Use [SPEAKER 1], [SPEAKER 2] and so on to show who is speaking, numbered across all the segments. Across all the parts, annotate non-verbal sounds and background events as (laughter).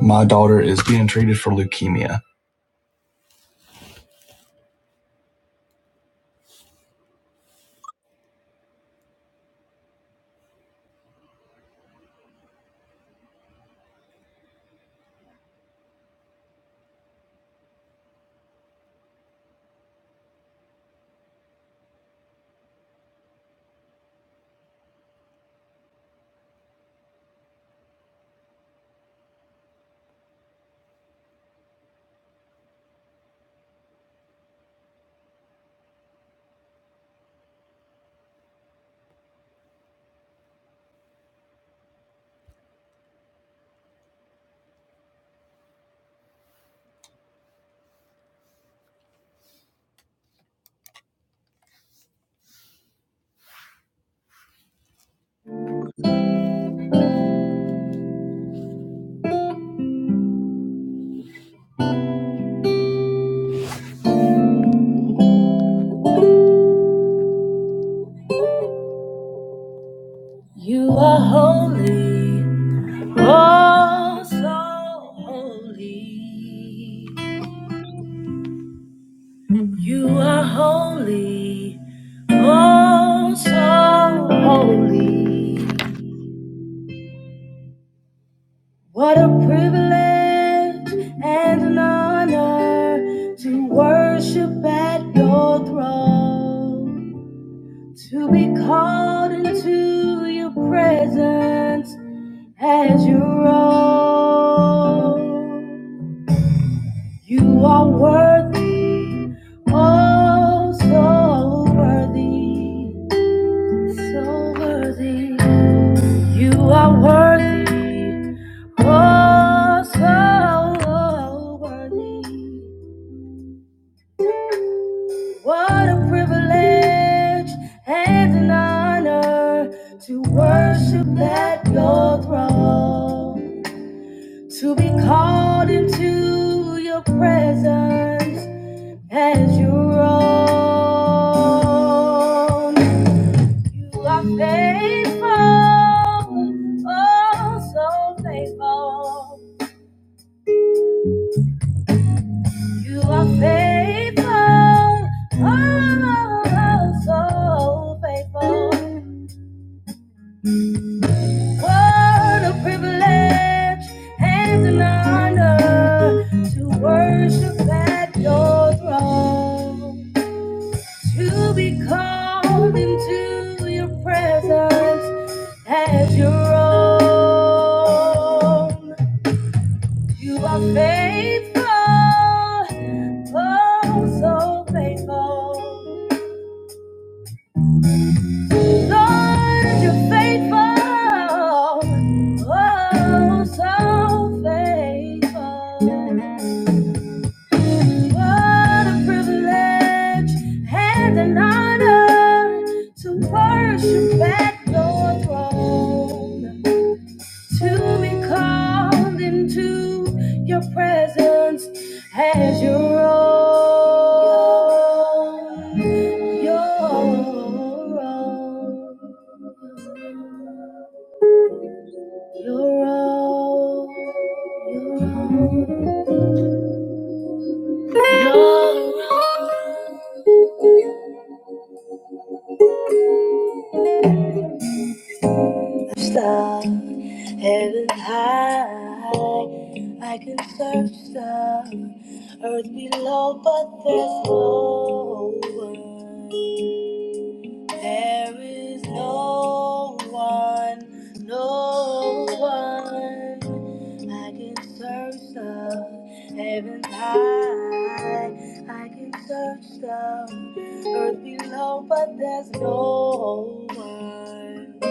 [SPEAKER 1] My daughter is being treated for leukemia. You are holy, oh so holy. You are holy, oh so holy. What a privilege and an honor to worship at your throne, to be called into your presence As you roll, you are worthy, oh, so worthy, so worthy. You are worthy, oh, so worthy. What a privilege and an honor to worship at your throne. to be called into your presence as your own. You are faithful, oh so faithful. You are faithful, oh so faithful. What a privilege and an honor to worship at your throne. to be called into your presence as your own. You are faithful, oh, so faithful. Lord, you're faithful, oh, so faithful. What a privilege and an honor to worship at your throne, to be called into your presence as your own. Your own. Your own. Your own. Your own. Star, heaven high, I can search the earth below, but there's no one. There is no one, no one. I can search the heaven high, I can search the earth below, but there's no one.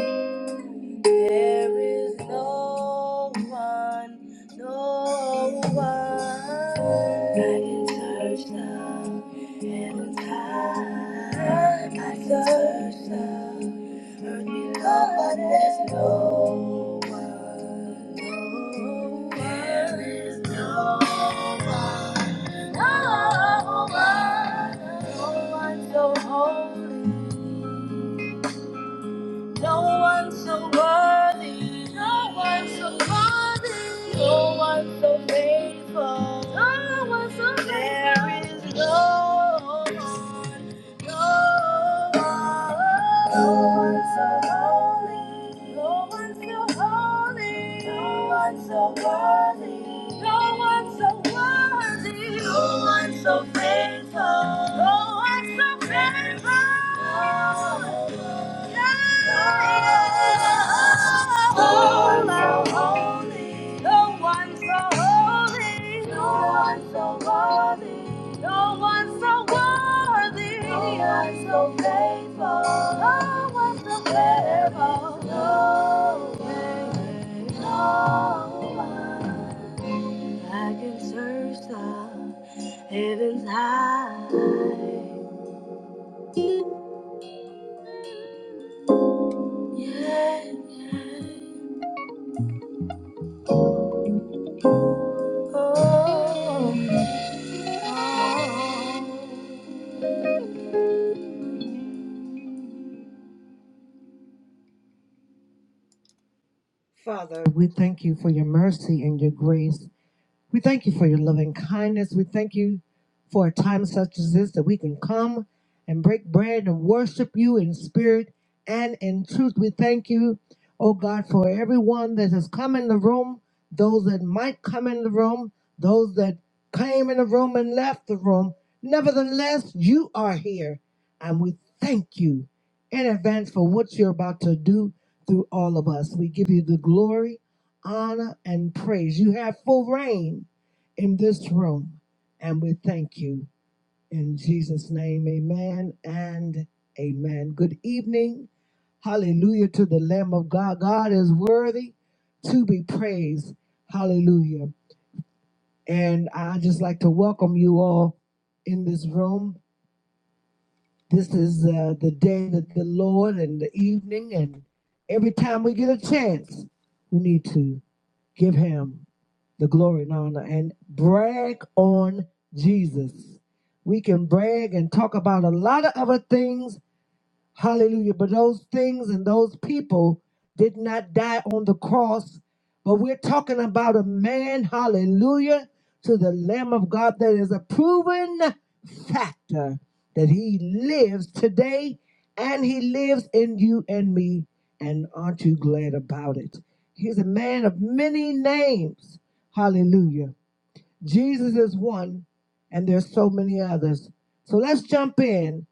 [SPEAKER 1] There is no one, no one that can touch the heavens high. I search the earth below, but there's no one, no one. There is no one, no one, no one so holy. No one so worthy. No one so worthy. No one so faithful. No one so faithful. There is no. No No No one one one so so so so worthy. worthy. faithful. Yeah. Oh, so holy. No one so holy. No one so worthy. No one so worthy. No one so faithful. No one so faithful. No way. No one. I can search the heavens high. Yeah. yeah. Oh. Father, we thank you for your mercy and your grace. We thank you for your loving kindness. We thank you for a time such as this that we can come and break bread and worship you in spirit and in truth. We thank you, oh God, for everyone that has come in the room, those that might come in the room, those that came in the room and left the room. Nevertheless, you are here, and we thank you in advance for what you're about to do through all of us. We give you the glory honor, and praise. You have full reign in this room, and we thank you. In Jesus' name, amen and amen. Good evening. Hallelujah to the Lamb of God. God is worthy to be praised. Hallelujah. And I just like to welcome you all in this room. This is uh, the day that the Lord and the evening, and every time we get a chance, we need to. Give him the glory and honor and brag on Jesus. We can brag and talk about a lot of other things Hallelujah. But those things and those people did not die on the cross. But we're talking about a man, hallelujah, to the Lamb of God that is a proven factor that he lives today and he lives in you and me. And aren't you glad about it? He's a man of many names. Hallelujah. Jesus is one, and there's so many others. So let's jump in,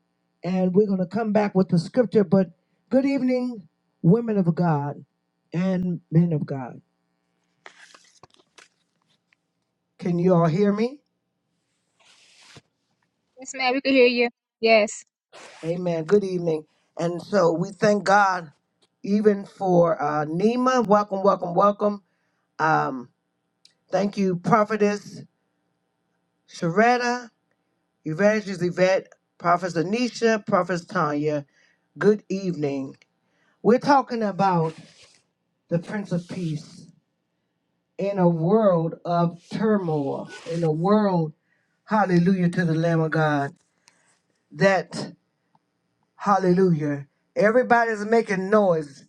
[SPEAKER 1] and we're going to come back with the scripture. But good evening, women of God and men of God. Can you all hear me?
[SPEAKER 2] Yes, ma'am, we can hear you. Yes.
[SPEAKER 1] Amen. Good evening. And so we thank God even for uh, Nima. Welcome, welcome, welcome. Um, thank you, Prophetess Sharetta, Evangelist Yvette, Prophetess Anisha, Prophetess Tanya. Good evening. We're talking about the Prince of Peace, in a world of turmoil, in a world, hallelujah to the Lamb of God, that, hallelujah, everybody's making noise,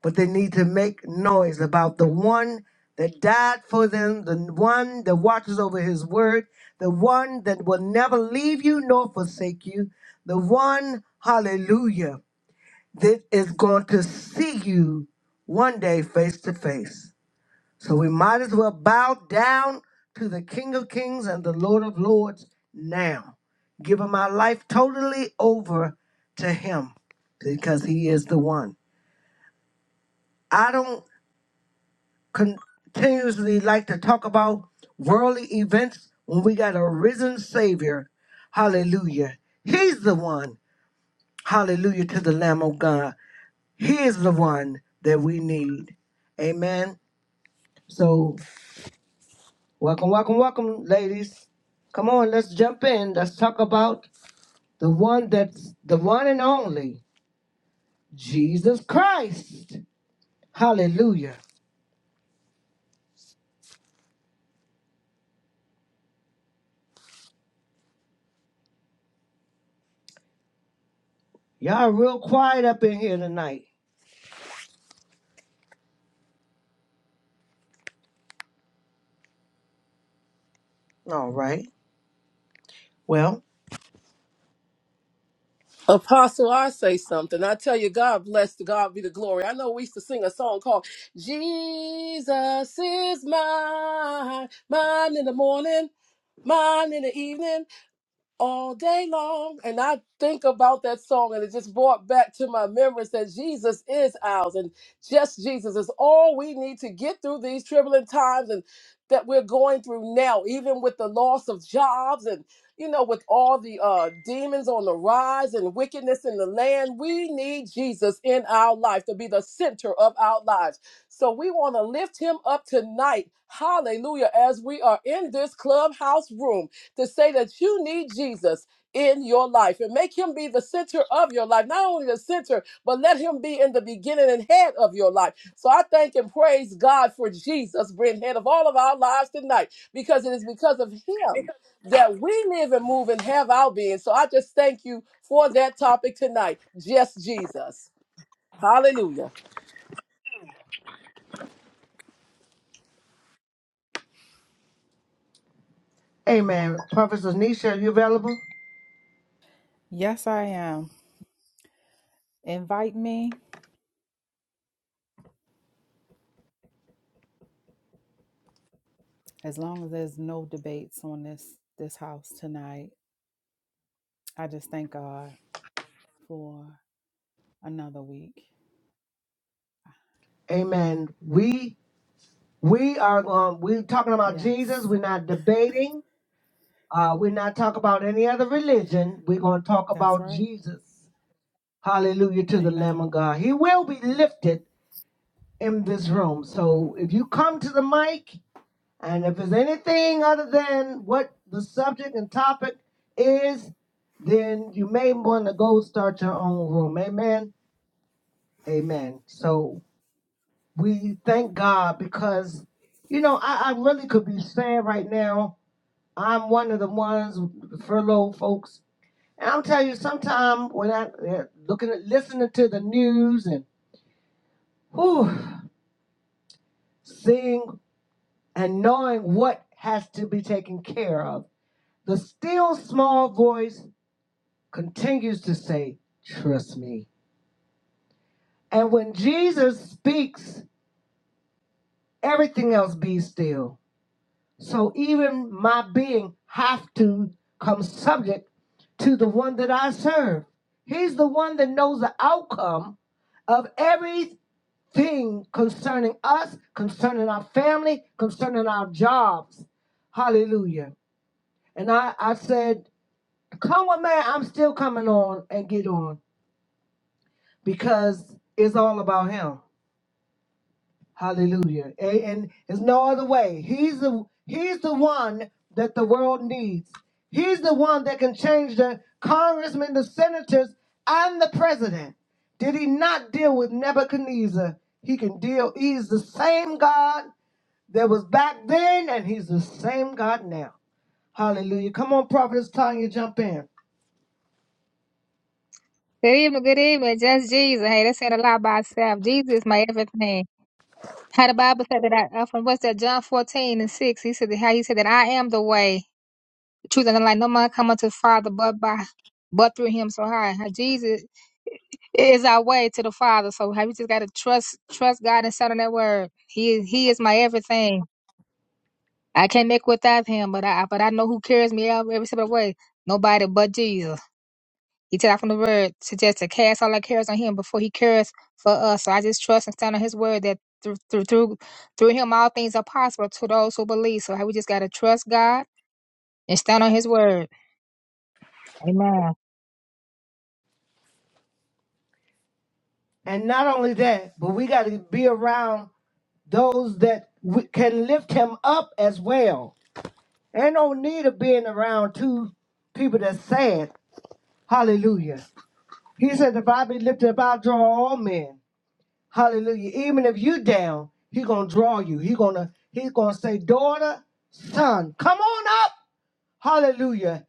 [SPEAKER 1] but they need to make noise about the one that died for them, the one that watches over his word, the one that will never leave you nor forsake you, the one, hallelujah, that is going to see you one day face to face. So we might as well bow down to the King of Kings and the Lord of Lords now, giving my life totally over to Him because He is the one. I don't continuously like to talk about worldly events when we got a risen Savior. Hallelujah. He's the one. Hallelujah to the Lamb of God. He is the one that we need. Amen. So Welcome, welcome, welcome, ladies. Come on, let's jump in. Let's talk about the one that's the one and only Jesus Christ. Hallelujah. Y'all real quiet up in here tonight. All right. Well,
[SPEAKER 3] Apostle, I say something. I tell you, God bless to God be the glory. I know we used to sing a song called Jesus is mine, mine in the morning, mine in the evening all day long. And I think about that song, and it just brought back to my memories that Jesus is ours, and just Jesus is all we need to get through these troubling times and that we're going through now, even with the loss of jobs and you know, with all the uh, demons on the rise and wickedness in the land, we need Jesus in our life to be the center of our lives. So we want to lift him up tonight. Hallelujah. As we are in this clubhouse room to say that you need Jesus in your life and make him be the center of your life. Not only the center, but let him be in the beginning and head of your life. So I thank and praise God for Jesus being head of all of our lives tonight because it is because of him that we live and move and have our being. So I just thank you for that topic tonight. Just Jesus. Hallelujah.
[SPEAKER 1] amen. Professor Nisha, are you available?
[SPEAKER 4] Yes, I am. Invite me as long as there's no debates on this this house tonight. I just thank God for another week.
[SPEAKER 1] Amen. We we are um, we're talking about
[SPEAKER 4] Yes,
[SPEAKER 1] Jesus. We're not debating. Uh, we're not talking about any other religion. We're gonna talk
[SPEAKER 4] that's
[SPEAKER 1] about
[SPEAKER 4] right.
[SPEAKER 1] Jesus. Hallelujah to the Lamb
[SPEAKER 4] Amen.
[SPEAKER 1] of God. He will be lifted in this room. So if you come to the mic and if there's anything other than what the subject and topic is, then you may want to go start your own room. Amen. Amen. So we thank God because, you know, I, I really could be sad right now. I'm one of the ones, furloughed folks. And I'm telling you, sometime when I eh, looking at listening to the news and whew, seeing and knowing what has to be taken care of, the still small voice continues to say, Trust me. And when Jesus speaks, everything else be still. So even my being have to come subject to the one that I serve. He's the one that knows the outcome of everything concerning us, concerning our family, concerning our jobs. Hallelujah. And I, I said Come on, man. I'm still coming on and get on because it's all about him. Hallelujah. A- And there's no other way. He's the he's the one that the world needs. He's the one that can change the congressmen, the senators, and the president. Did he not deal with Nebuchadnezzar? He can deal. He's the same God that was back then, and he's the same God now. Hallelujah. Come on, Prophetess Tanya, jump in.
[SPEAKER 2] Good evening, good evening. Just Jesus. Hey, that said a lot by itself. Jesus is my everything. How the Bible said that I, uh, from what's that, John 14 and 6, he said that how he said that I am the way, the truth, and the life. No man come unto the Father but by but through him. So hi, how Jesus is our way to the Father. So how you just gotta trust trust God and stand on that word. He is he is my everything. I can't make without him, but I but I know who carries me out every step of the way. Nobody but Jesus. He tell us from the word to just to cast all our cares on him before he cares for us. So I just trust and stand on his word that through through through, through him all things are possible to those who believe. So we just gotta trust God and stand on his word. Amen.
[SPEAKER 1] And not only that, but we got to be around those that we can lift him up as well. Ain't no need of being around two people that's sad. Hallelujah. He said, if I be lifted up, I'll draw all men. Hallelujah. Even if you down, he gonna draw you. He gonna he gonna say, daughter, son, come on up. Hallelujah.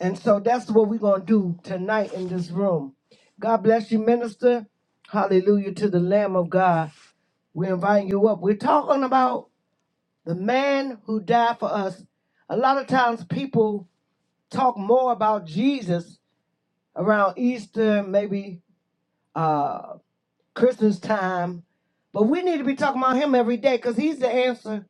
[SPEAKER 1] And so that's what we're gonna do tonight in this room. God bless you, minister. Hallelujah to the Lamb of God. We're inviting you up. We're talking about the man who died for us. A lot of times people talk more about Jesus around Easter, maybe uh, Christmas time, but we need to be talking about him every day because he's the answer.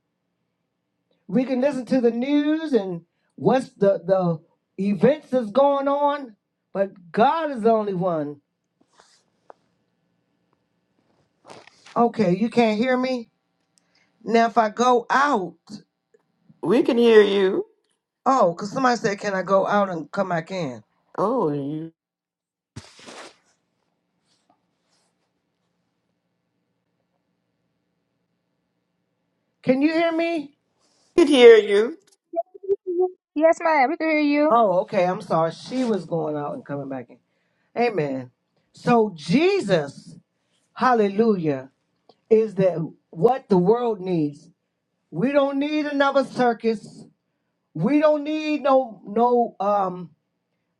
[SPEAKER 1] We can listen to the news and what's the, the events that's going on, but God is the only one. Okay, you can't hear me? Now, if I go out,
[SPEAKER 5] We can hear you.
[SPEAKER 1] oh, because somebody said, Can I go out and come back in?
[SPEAKER 5] Oh, you
[SPEAKER 1] Can you hear me?
[SPEAKER 5] we can hear you.
[SPEAKER 2] Yes, ma'am, we can hear you.
[SPEAKER 1] Oh, okay. I'm sorry. She was going out and coming back in. Amen. So Jesus, hallelujah, is that what the world needs. We don't need another circus. We don't need no no um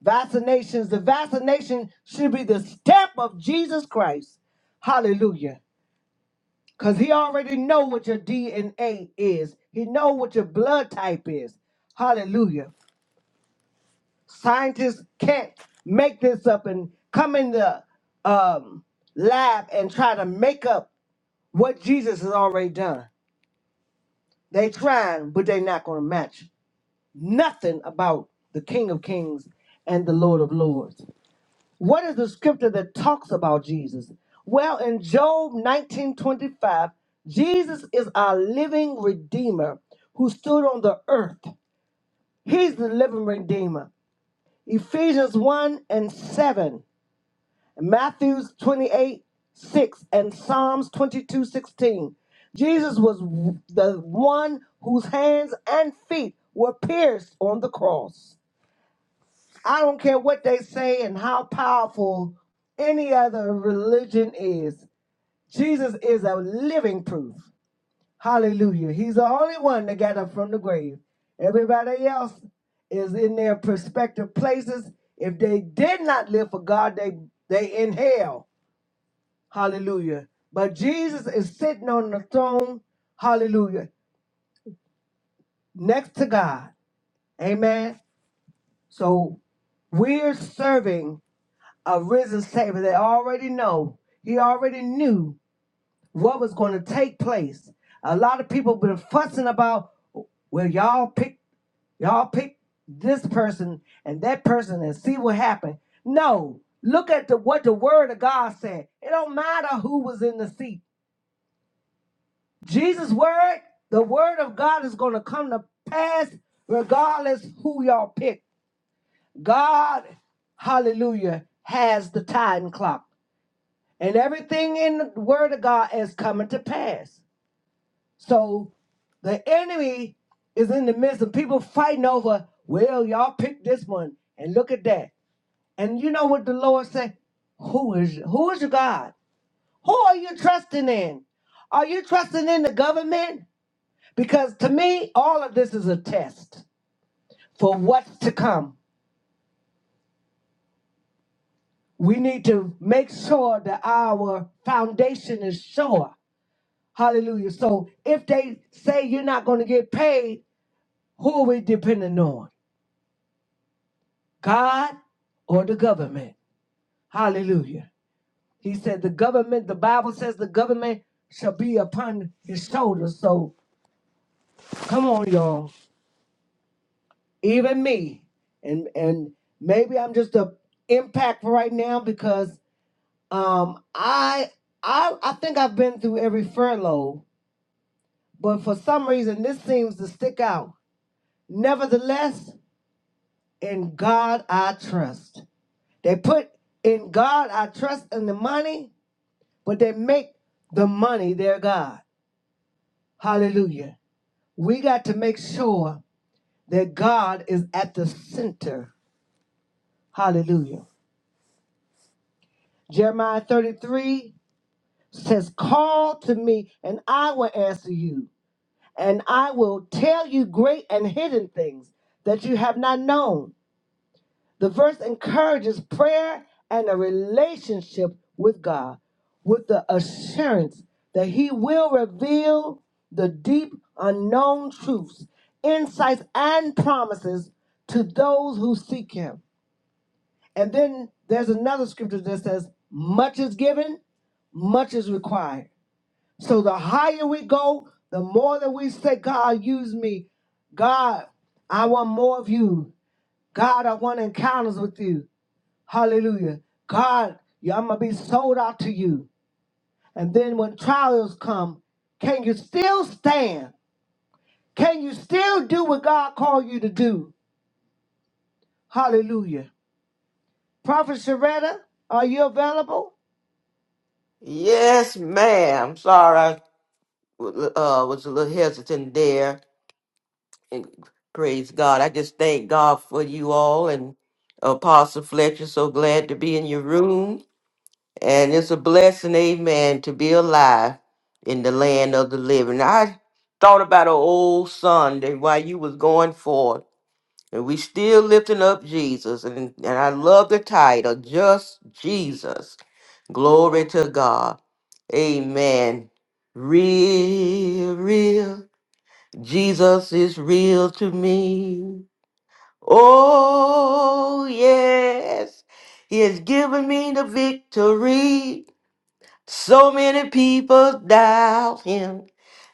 [SPEAKER 1] vaccinations. The vaccination should be the step of Jesus Christ. Hallelujah. Cause he already know what your DNA is. He know what your blood type is. Hallelujah. Scientists can't make this up and come in the um, lab and try to make up what Jesus has already done. They trying, but they not going to match nothing about the King of Kings and the Lord of Lords. What is the scripture that talks about Jesus? Well, in Job 19:25, Jesus is our living redeemer who stood on the earth. He's the living redeemer. Ephesians 1 and 7. Matthews 28 6 and Psalms 22 16, Jesus was the one whose hands and feet were pierced on the cross. I don't care what they say and how powerful any other religion is, Jesus is a living proof. Hallelujah. He's the only one that got up from the grave. Everybody else is in their prospective places. If they did not live for God, they they in hell. Hallelujah. But Jesus is sitting on the throne, hallelujah, next to God. Amen. So we're serving a risen Savior that already know. He already knew what was going to take place. A lot of people been fussing about, well, y'all pick, y'all pick this person and that person and see what happened. No, look at the what the Word of God said. It don't matter who was in the seat. Jesus' word, the word of God is going to come to pass regardless who y'all pick. God, hallelujah, has the time clock. And everything in the word of God is coming to pass. So the enemy is in the midst of people fighting over, well, y'all pick this one and look at that. And you know what the Lord said? Who is who is your God? Who are you trusting in? Are you trusting in the government? Because to me, all of this is a test for what's to come. We need to make sure that our foundation is sure. Hallelujah. So if they say you're not going to get paid, who are we depending on? God or the government? Hallelujah. He said the government, the Bible says the government shall be upon his shoulders. So come on, y'all. Even me. And and maybe I'm just a impact right now because Um, I I I think I've been through every furlough, but for some reason this seems to stick out. Nevertheless, in God I trust. They put in God I trust in the money, but they make the money their God. Hallelujah. We got to make sure that God is at the center. Hallelujah. Jeremiah 33 says, Call to me and I will answer you and I will tell you great and hidden things that you have not known. The verse encourages prayer and a relationship with God with the assurance that He will reveal the deep unknown truths, insights, and promises to those who seek Him. And then there's another scripture that says, Much is given, much is required. So the higher we go, the more that we say, God, use me. God, I want more of you. God, I want encounters with you. Hallelujah. God, yeah, I'm going to be sold out to you. And then when trials come, can you still stand? Can you still do what God called you to do? Hallelujah. Prophet Sharetta, are you available?
[SPEAKER 5] Yes, ma'am. Sorry, I w- uh, was a little hesitant there. And praise God. I just thank God for you all and Apostle Fletcher. So glad to be in your room. And it's a blessing, amen, to be alive in the land of the living. I thought about an old Sunday while you was going forth. And we still lifting up Jesus. And, and I love the title, Just Jesus. Glory to God. Amen. Real, real. Jesus is real to me. Oh, yes. He has given me the victory. So many people doubt him.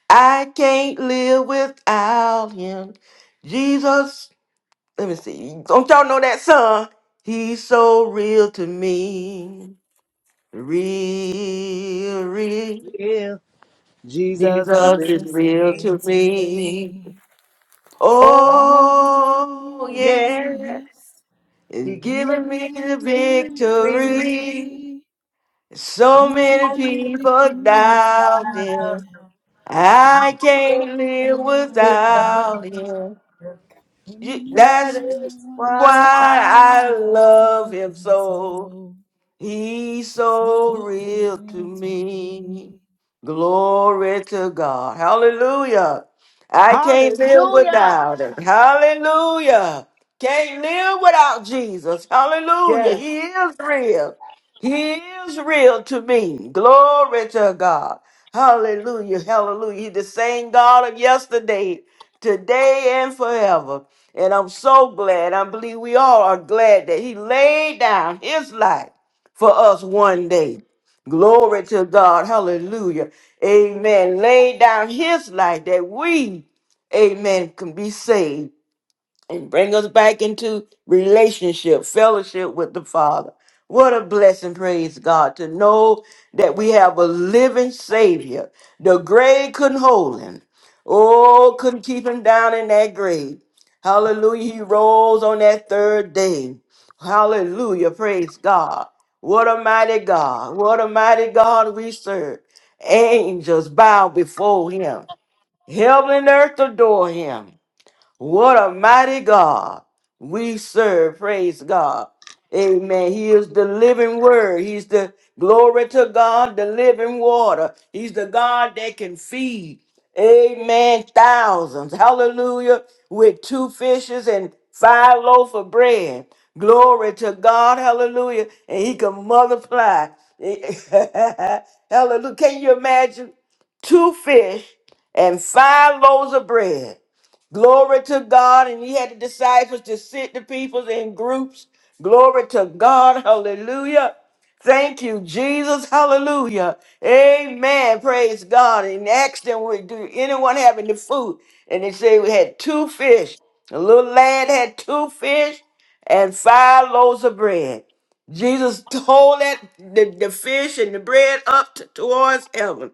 [SPEAKER 5] I can't live without him. Jesus let me see. Don't y'all know that song? He's so real to me. Real, real.
[SPEAKER 1] Yeah, Jesus.
[SPEAKER 5] Jesus
[SPEAKER 4] Jesus
[SPEAKER 1] lives
[SPEAKER 5] is
[SPEAKER 4] is
[SPEAKER 1] in
[SPEAKER 5] real
[SPEAKER 1] me.
[SPEAKER 4] real
[SPEAKER 5] to
[SPEAKER 4] to
[SPEAKER 5] me.
[SPEAKER 4] me.
[SPEAKER 1] Oh,
[SPEAKER 5] Oh,
[SPEAKER 1] yeah.
[SPEAKER 4] Oh,
[SPEAKER 5] yeah.
[SPEAKER 4] yes.
[SPEAKER 1] He
[SPEAKER 5] It's
[SPEAKER 1] give me the
[SPEAKER 5] giving me
[SPEAKER 4] Jesus
[SPEAKER 5] the
[SPEAKER 1] victory
[SPEAKER 5] victory.
[SPEAKER 4] victory.
[SPEAKER 5] So
[SPEAKER 4] And
[SPEAKER 5] many
[SPEAKER 1] over the
[SPEAKER 4] white
[SPEAKER 5] people
[SPEAKER 4] people
[SPEAKER 1] people
[SPEAKER 4] out
[SPEAKER 5] doubting.
[SPEAKER 4] him,
[SPEAKER 5] I
[SPEAKER 1] that
[SPEAKER 5] can't live
[SPEAKER 1] with
[SPEAKER 4] out
[SPEAKER 1] fire.
[SPEAKER 4] him.
[SPEAKER 5] without him. You-
[SPEAKER 4] He's
[SPEAKER 1] That
[SPEAKER 5] That's
[SPEAKER 4] why,
[SPEAKER 1] is why
[SPEAKER 4] why
[SPEAKER 5] why
[SPEAKER 1] I,
[SPEAKER 4] I
[SPEAKER 5] I love
[SPEAKER 4] love
[SPEAKER 5] him
[SPEAKER 4] him
[SPEAKER 5] so.
[SPEAKER 4] so,
[SPEAKER 5] He's so
[SPEAKER 4] so
[SPEAKER 5] real to
[SPEAKER 4] good to me.
[SPEAKER 5] me. Glory to God. Hallelujah. I can't live
[SPEAKER 1] hallelujah.
[SPEAKER 5] without him. Hallelujah. Can't live without Jesus. Hallelujah.
[SPEAKER 1] Yes.
[SPEAKER 5] He is real. He is real to me. Glory to God. Hallelujah. Hallelujah. He's the same God of yesterday, today, and forever. And I'm so glad. I believe we all are glad that he laid down his life for us one day. Glory to God. Hallelujah. Amen. Lay down his life that we, amen, can be saved and bring us back into relationship, fellowship with the Father. What a blessing, praise God, to know that we have a living Savior. The grave couldn't hold him. Oh, couldn't keep him down in that grave. Hallelujah. He rose on that third day. Hallelujah. Praise God. What a mighty God. What a mighty God we serve. Angels bow before him. Heaven and earth adore him. What a mighty God we serve. Praise God. Amen. He is the living word. He's the glory to God, the living water. He's the God that can feed. Amen. Thousands. Hallelujah. With two fishes and five loaves of bread. Glory to God. Hallelujah. And he can multiply. (laughs) Hallelujah. Can you imagine? Two fish and five loaves of bread. Glory to God. And he had the disciples to sit the people in groups. Glory to God. Hallelujah. Thank you, Jesus. Hallelujah. Amen. Praise God. And asked them, "Would- do anyone have any food? And they say we had two fish. The little lad had two fish and five loaves of bread. Jesus told that the, the fish and the bread up t- towards heaven.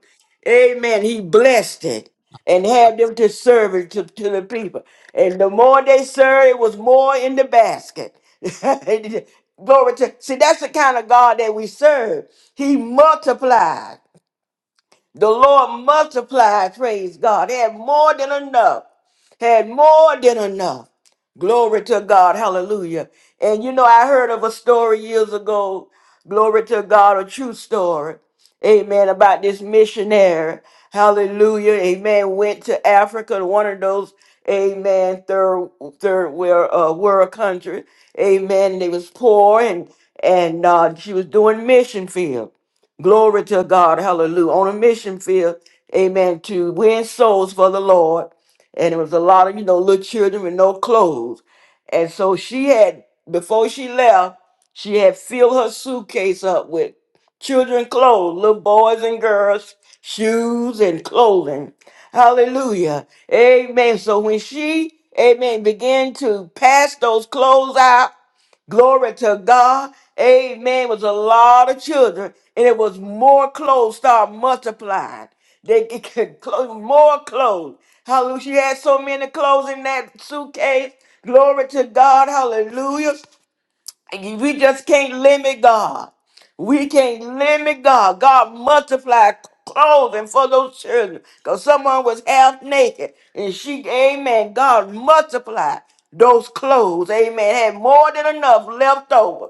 [SPEAKER 5] Amen. He blessed it and have them to serve it to, to the people. And the more they served, it was more in the basket. (laughs) Glory to see that's the kind of God that we serve. He multiplied. The Lord multiplied, praise God, had more than enough, had more than enough. Glory to God, hallelujah. And you know, I heard of a story years ago, glory to God, a true story, amen, about this missionary, hallelujah, amen, went to Africa, one of those, amen, third, third world, uh, world country, amen, and they was poor and, and uh, she was doing mission field. Glory to God. Hallelujah. On a mission field, amen, to win souls for the Lord. And it was a lot of, you know, little children with no clothes. And so she had, before she left, she had filled her suitcase up with children clothes, little boys and girls, shoes and clothing. Hallelujah. Amen. So when she, amen, began to pass those clothes out, Glory to God. Amen. It was a lot of children, and it was more clothes start multiplying. They get (laughs) get clo- more clothes. Hallelujah. She had so many clothes in that suitcase. Glory to God. Hallelujah. We just can't limit God. We can't limit God. God multiplied clothing for those children. Because someone was half naked. And she, amen, God multiplied those clothes. Amen. Had more than enough left over.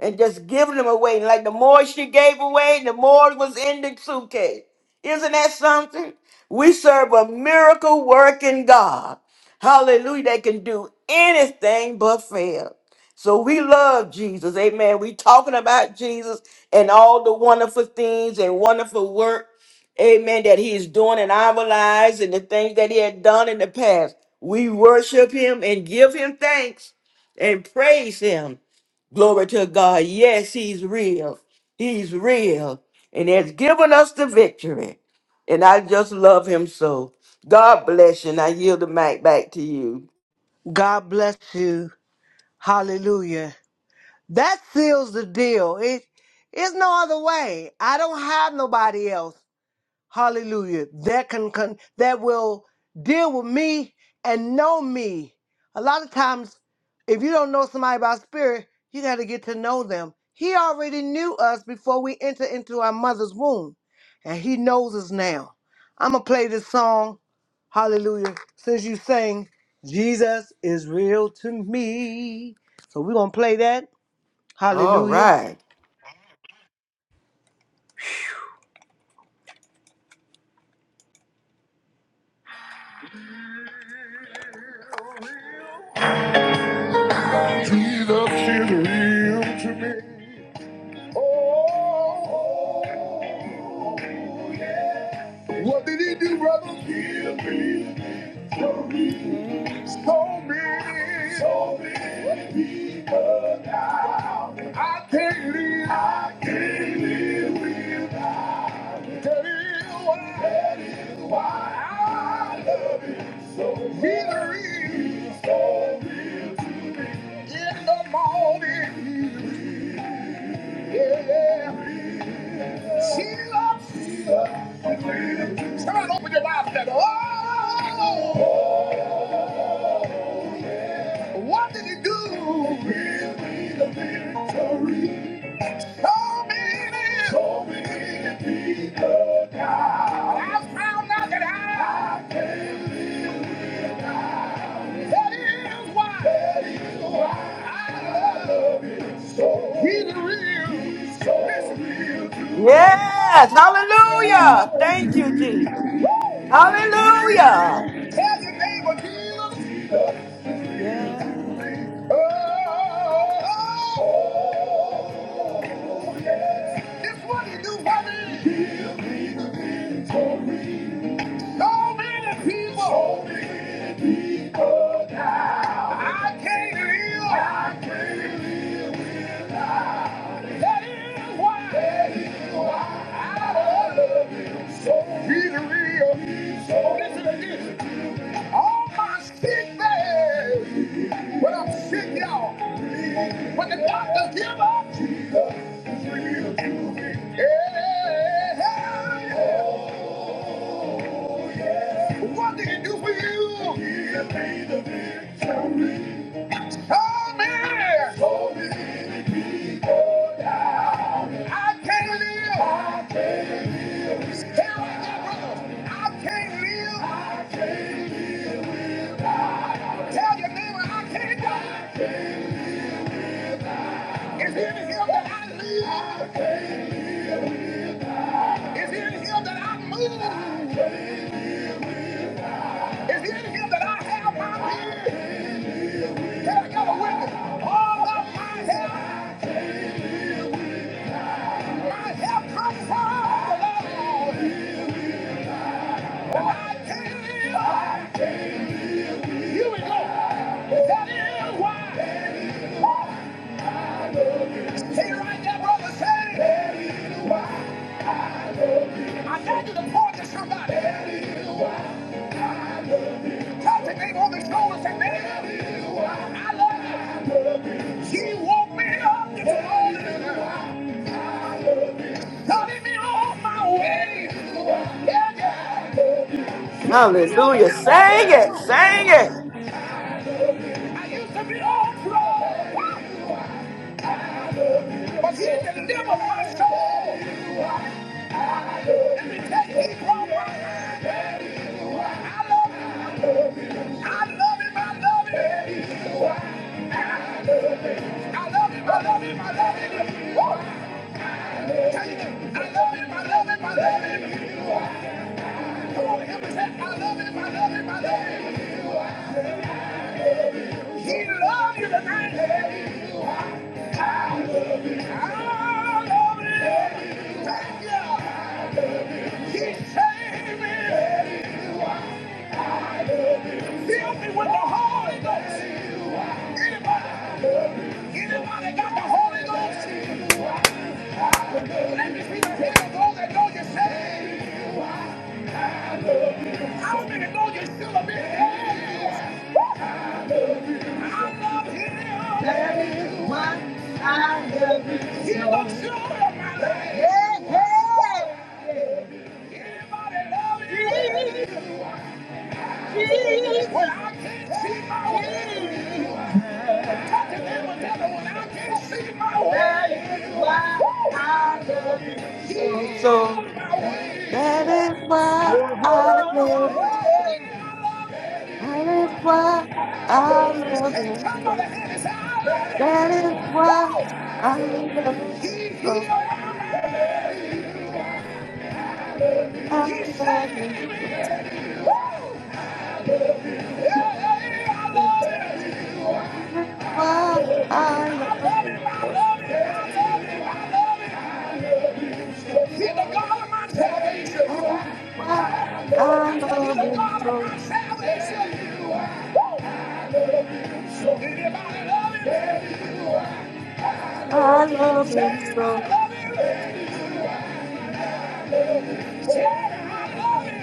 [SPEAKER 5] And just giving them away. Like the more she gave away, the more was in the suitcase. Isn't that something? We serve a miracle working God. Hallelujah. They can do anything but fail. So we love Jesus. Amen. We talking about Jesus and all the wonderful things and wonderful work. Amen. That he is doing in our lives and the things that he had done in the past. We worship him and give him thanks and praise him. Glory to God. Yes, he's real. He's real. And has given us the victory. And I just love him so. God bless you. And I yield the mic back to you.
[SPEAKER 1] God bless you. Hallelujah. That seals the deal. It is no other way. I don't have nobody else. hallelujah that can, can that will deal with me and know me a lot of times if you don't know somebody by spirit you got to get to know them he already knew us before we enter into our mother's womb and he knows us now i'm gonna play this song hallelujah since you sang jesus is real to me so we're gonna play that
[SPEAKER 5] All
[SPEAKER 1] hallelujah
[SPEAKER 5] right.
[SPEAKER 1] Jesus is real to me. What did he do, brother? Heal me. So
[SPEAKER 4] Hey,
[SPEAKER 1] many, so many people down. I can't live. I can't live without. That is why. That is why I love you. He lives so in the morning. Yeah, she loves. She loves. Somebody open your mouth and say, Oh. What did he do? Give me the victory. Told me this. Told me to be the guy. I found out that I. I can't. That is why. That is why. I love it so. He's real. He's so It's real to me.
[SPEAKER 5] Yes,
[SPEAKER 1] Woo!
[SPEAKER 5] hallelujah. Thank you, Jesus. Hallelujah.
[SPEAKER 1] Tell your neighbor, Jesus.
[SPEAKER 4] yeah,
[SPEAKER 1] Oh, oh, oh. This what he do for me.
[SPEAKER 4] he gave her the victory.
[SPEAKER 1] So many people hold me down. I can't live. I can't live. That is why. That is why I love him so. He's real. So listen to this. All my sick days, when I'm sick, y'all, when the doctors give up, Jesus is real to me. Yeah. What did he do for you? Come here. Hold me down. I can't live. I can't live. Tell my brother, I can't live. I can't. Tell your neighbor, I can't die. It's in him that I live. It's in him that I move. It's in him that I have my being. Can I get a witness? All of my help, my help comes from the Lord. I can't live. Here we go. That is why. Say it right there, brother. Say it. I dare you to point to somebody. Tap the name on the shoulder and say, man, I love you. She woke me up this morning. Started me on my way. Yeah, yeah. Picked me up and
[SPEAKER 5] Hallelujah.
[SPEAKER 1] I
[SPEAKER 5] Sing it, sing it.
[SPEAKER 1] I used to be on drugs. But he delivered my soul. Let me tell you, he promised. I love him. I love him. I love him. I love him. I love him. I love him. Woo! Tell you, I love him. I love him. I love him. Come on, help me say, I love him. I love him. I love him. He loves you tonight. I I love you. I love Him. He saved me. the
[SPEAKER 4] I love him so, that is why I love him
[SPEAKER 1] Anybody love you? When I can't see my way, talk to them another one. I can't see my way. Woo! I love You.
[SPEAKER 5] And so that is why I
[SPEAKER 1] why
[SPEAKER 5] love him. That is why
[SPEAKER 1] I
[SPEAKER 5] I
[SPEAKER 1] love you. Jesus.
[SPEAKER 5] love
[SPEAKER 1] Hey,
[SPEAKER 5] him.
[SPEAKER 1] somebody
[SPEAKER 5] So
[SPEAKER 1] hand is out.
[SPEAKER 5] that is why
[SPEAKER 1] Woo!
[SPEAKER 5] I love him.
[SPEAKER 1] He
[SPEAKER 5] So
[SPEAKER 1] healed me.
[SPEAKER 5] I
[SPEAKER 1] He
[SPEAKER 5] love him.
[SPEAKER 1] saved
[SPEAKER 5] So
[SPEAKER 1] me. Woo! I love you.
[SPEAKER 5] I
[SPEAKER 1] Yeah, yeah,
[SPEAKER 5] love him.
[SPEAKER 1] yeah, I
[SPEAKER 5] So
[SPEAKER 1] love him.
[SPEAKER 5] that is
[SPEAKER 1] He's the God of my salvation.
[SPEAKER 5] why I love him. So that is
[SPEAKER 1] I
[SPEAKER 5] why I
[SPEAKER 1] said he's
[SPEAKER 5] love
[SPEAKER 1] the
[SPEAKER 5] him.
[SPEAKER 1] God of
[SPEAKER 5] so.
[SPEAKER 1] my salvation. Woo! Anybody love him?
[SPEAKER 5] I love
[SPEAKER 1] Say
[SPEAKER 5] him
[SPEAKER 1] I
[SPEAKER 5] so,
[SPEAKER 1] love him. I love him.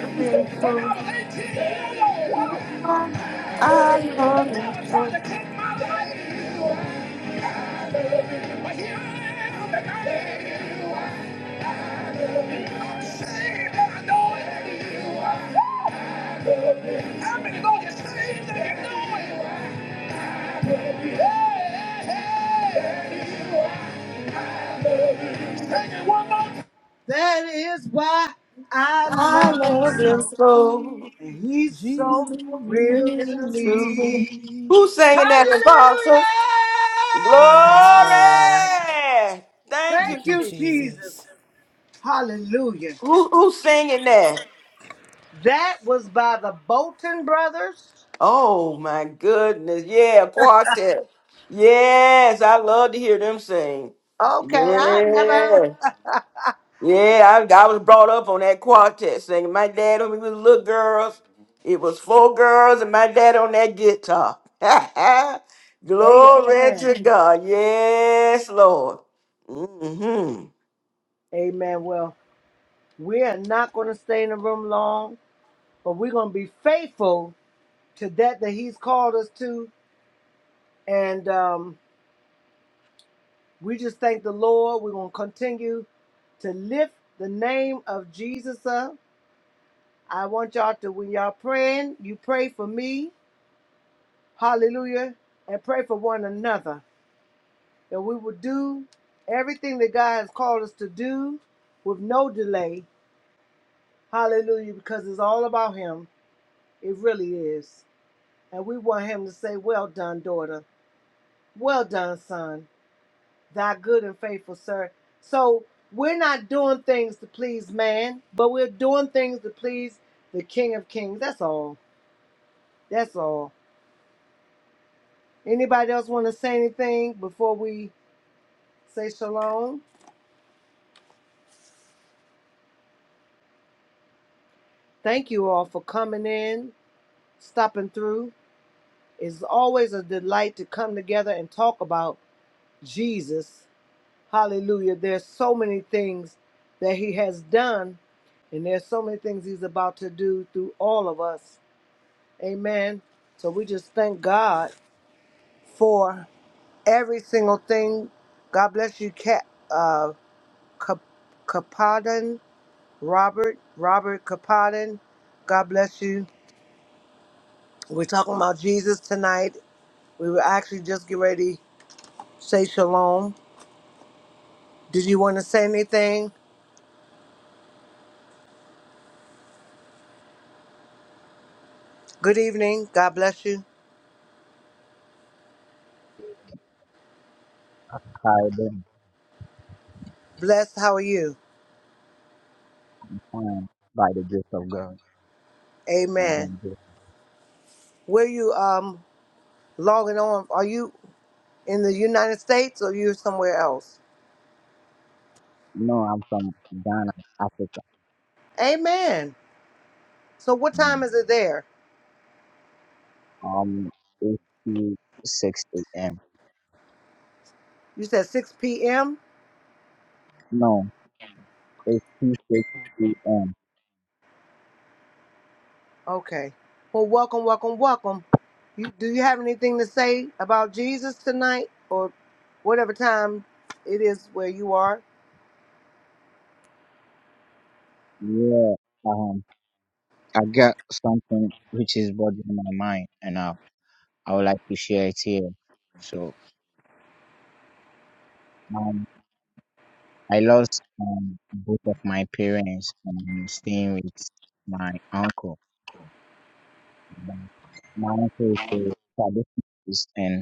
[SPEAKER 5] love him
[SPEAKER 1] When I
[SPEAKER 5] so
[SPEAKER 1] was 18 years old, wow,
[SPEAKER 5] much. I
[SPEAKER 1] the
[SPEAKER 5] love him
[SPEAKER 1] devil tried
[SPEAKER 5] so,
[SPEAKER 1] to take my life. Hey, hey, hey. That is why I
[SPEAKER 5] I
[SPEAKER 1] love him
[SPEAKER 5] love him
[SPEAKER 1] so,
[SPEAKER 4] so.
[SPEAKER 5] so.
[SPEAKER 1] and he's
[SPEAKER 4] Jesus,
[SPEAKER 1] so
[SPEAKER 5] Glory
[SPEAKER 1] real to
[SPEAKER 5] to
[SPEAKER 1] me.
[SPEAKER 5] me. Who's singing that in
[SPEAKER 1] Hallelujah!
[SPEAKER 4] yes,
[SPEAKER 5] Glory!
[SPEAKER 4] Lord,
[SPEAKER 5] Thank you.
[SPEAKER 1] Thank
[SPEAKER 4] thank you,
[SPEAKER 1] you,
[SPEAKER 5] Jesus.
[SPEAKER 1] Jesus.
[SPEAKER 4] Jesus.
[SPEAKER 1] Hallelujah.
[SPEAKER 5] Who, who's singing that?
[SPEAKER 1] That was by the Bolton brothers.
[SPEAKER 5] Oh my goodness. Yeah, quartet. Yes, I love to hear them sing.
[SPEAKER 1] Okay, I've Yes. never heard.
[SPEAKER 5] Yeah. Yeah, I, I was brought up on that quartet singing. My dad, when we was little girls, it was four girls and my dad on that guitar. (laughs) Glory
[SPEAKER 1] Amen.
[SPEAKER 5] to God. Yes, Lord. hmm
[SPEAKER 1] Amen. Well, we are not going to stay in the room long, but we're going to be faithful to that that He's called us to, and um, we just thank the Lord. We're going to continue to lift the name of Jesus up. I want y'all to, when y'all praying, you pray for me. Hallelujah, and pray for one another. that we will do everything that God has called us to do with no delay. Hallelujah, because it's all about Him. It really is. And we want Him to say, Well done, daughter. Well done, son. Thy good and faithful servant." So we're not doing things to please man, but we're doing things to please the King of Kings. That's all. That's all. Anybody else want to say anything before we say shalom? Thank you all for coming in, stopping through. It's always a delight to come together and talk about Jesus. Hallelujah. There's so many things that he has done, and there's so many things he's about to do through all of us. Amen. So we just thank God for every single thing. God bless you, Cap, uh, Cap- Capadan, Robert, Robert Capadan. God bless you. We're talking about Jesus tonight. We were actually just getting ready to say shalom Did you want to say anything? Good evening. God bless you.
[SPEAKER 6] I've been
[SPEAKER 1] Blessed. How are you?
[SPEAKER 6] transformed by the grace of God. I've
[SPEAKER 1] Amen.
[SPEAKER 6] been blessed.
[SPEAKER 1] Where you um logging on? Are you in the United States or you somewhere else?
[SPEAKER 6] No, I'm from Ghana, Africa.
[SPEAKER 1] Amen. So what time
[SPEAKER 6] Mm.
[SPEAKER 1] is it there?
[SPEAKER 6] Um, it's 2:06 a.m.
[SPEAKER 1] You said 6 p.m.
[SPEAKER 6] No, it's 2:06 a.m.
[SPEAKER 1] Okay. Well, welcome, welcome, welcome. You, do you have anything to say about Jesus tonight or whatever time it is where you are?
[SPEAKER 6] Yeah. Um, I got something which is bothering my mind, and I I would like to share it here. So, um, I lost um both of my parents, and I'm staying with my uncle. Um, My uncle is a traditionalist, and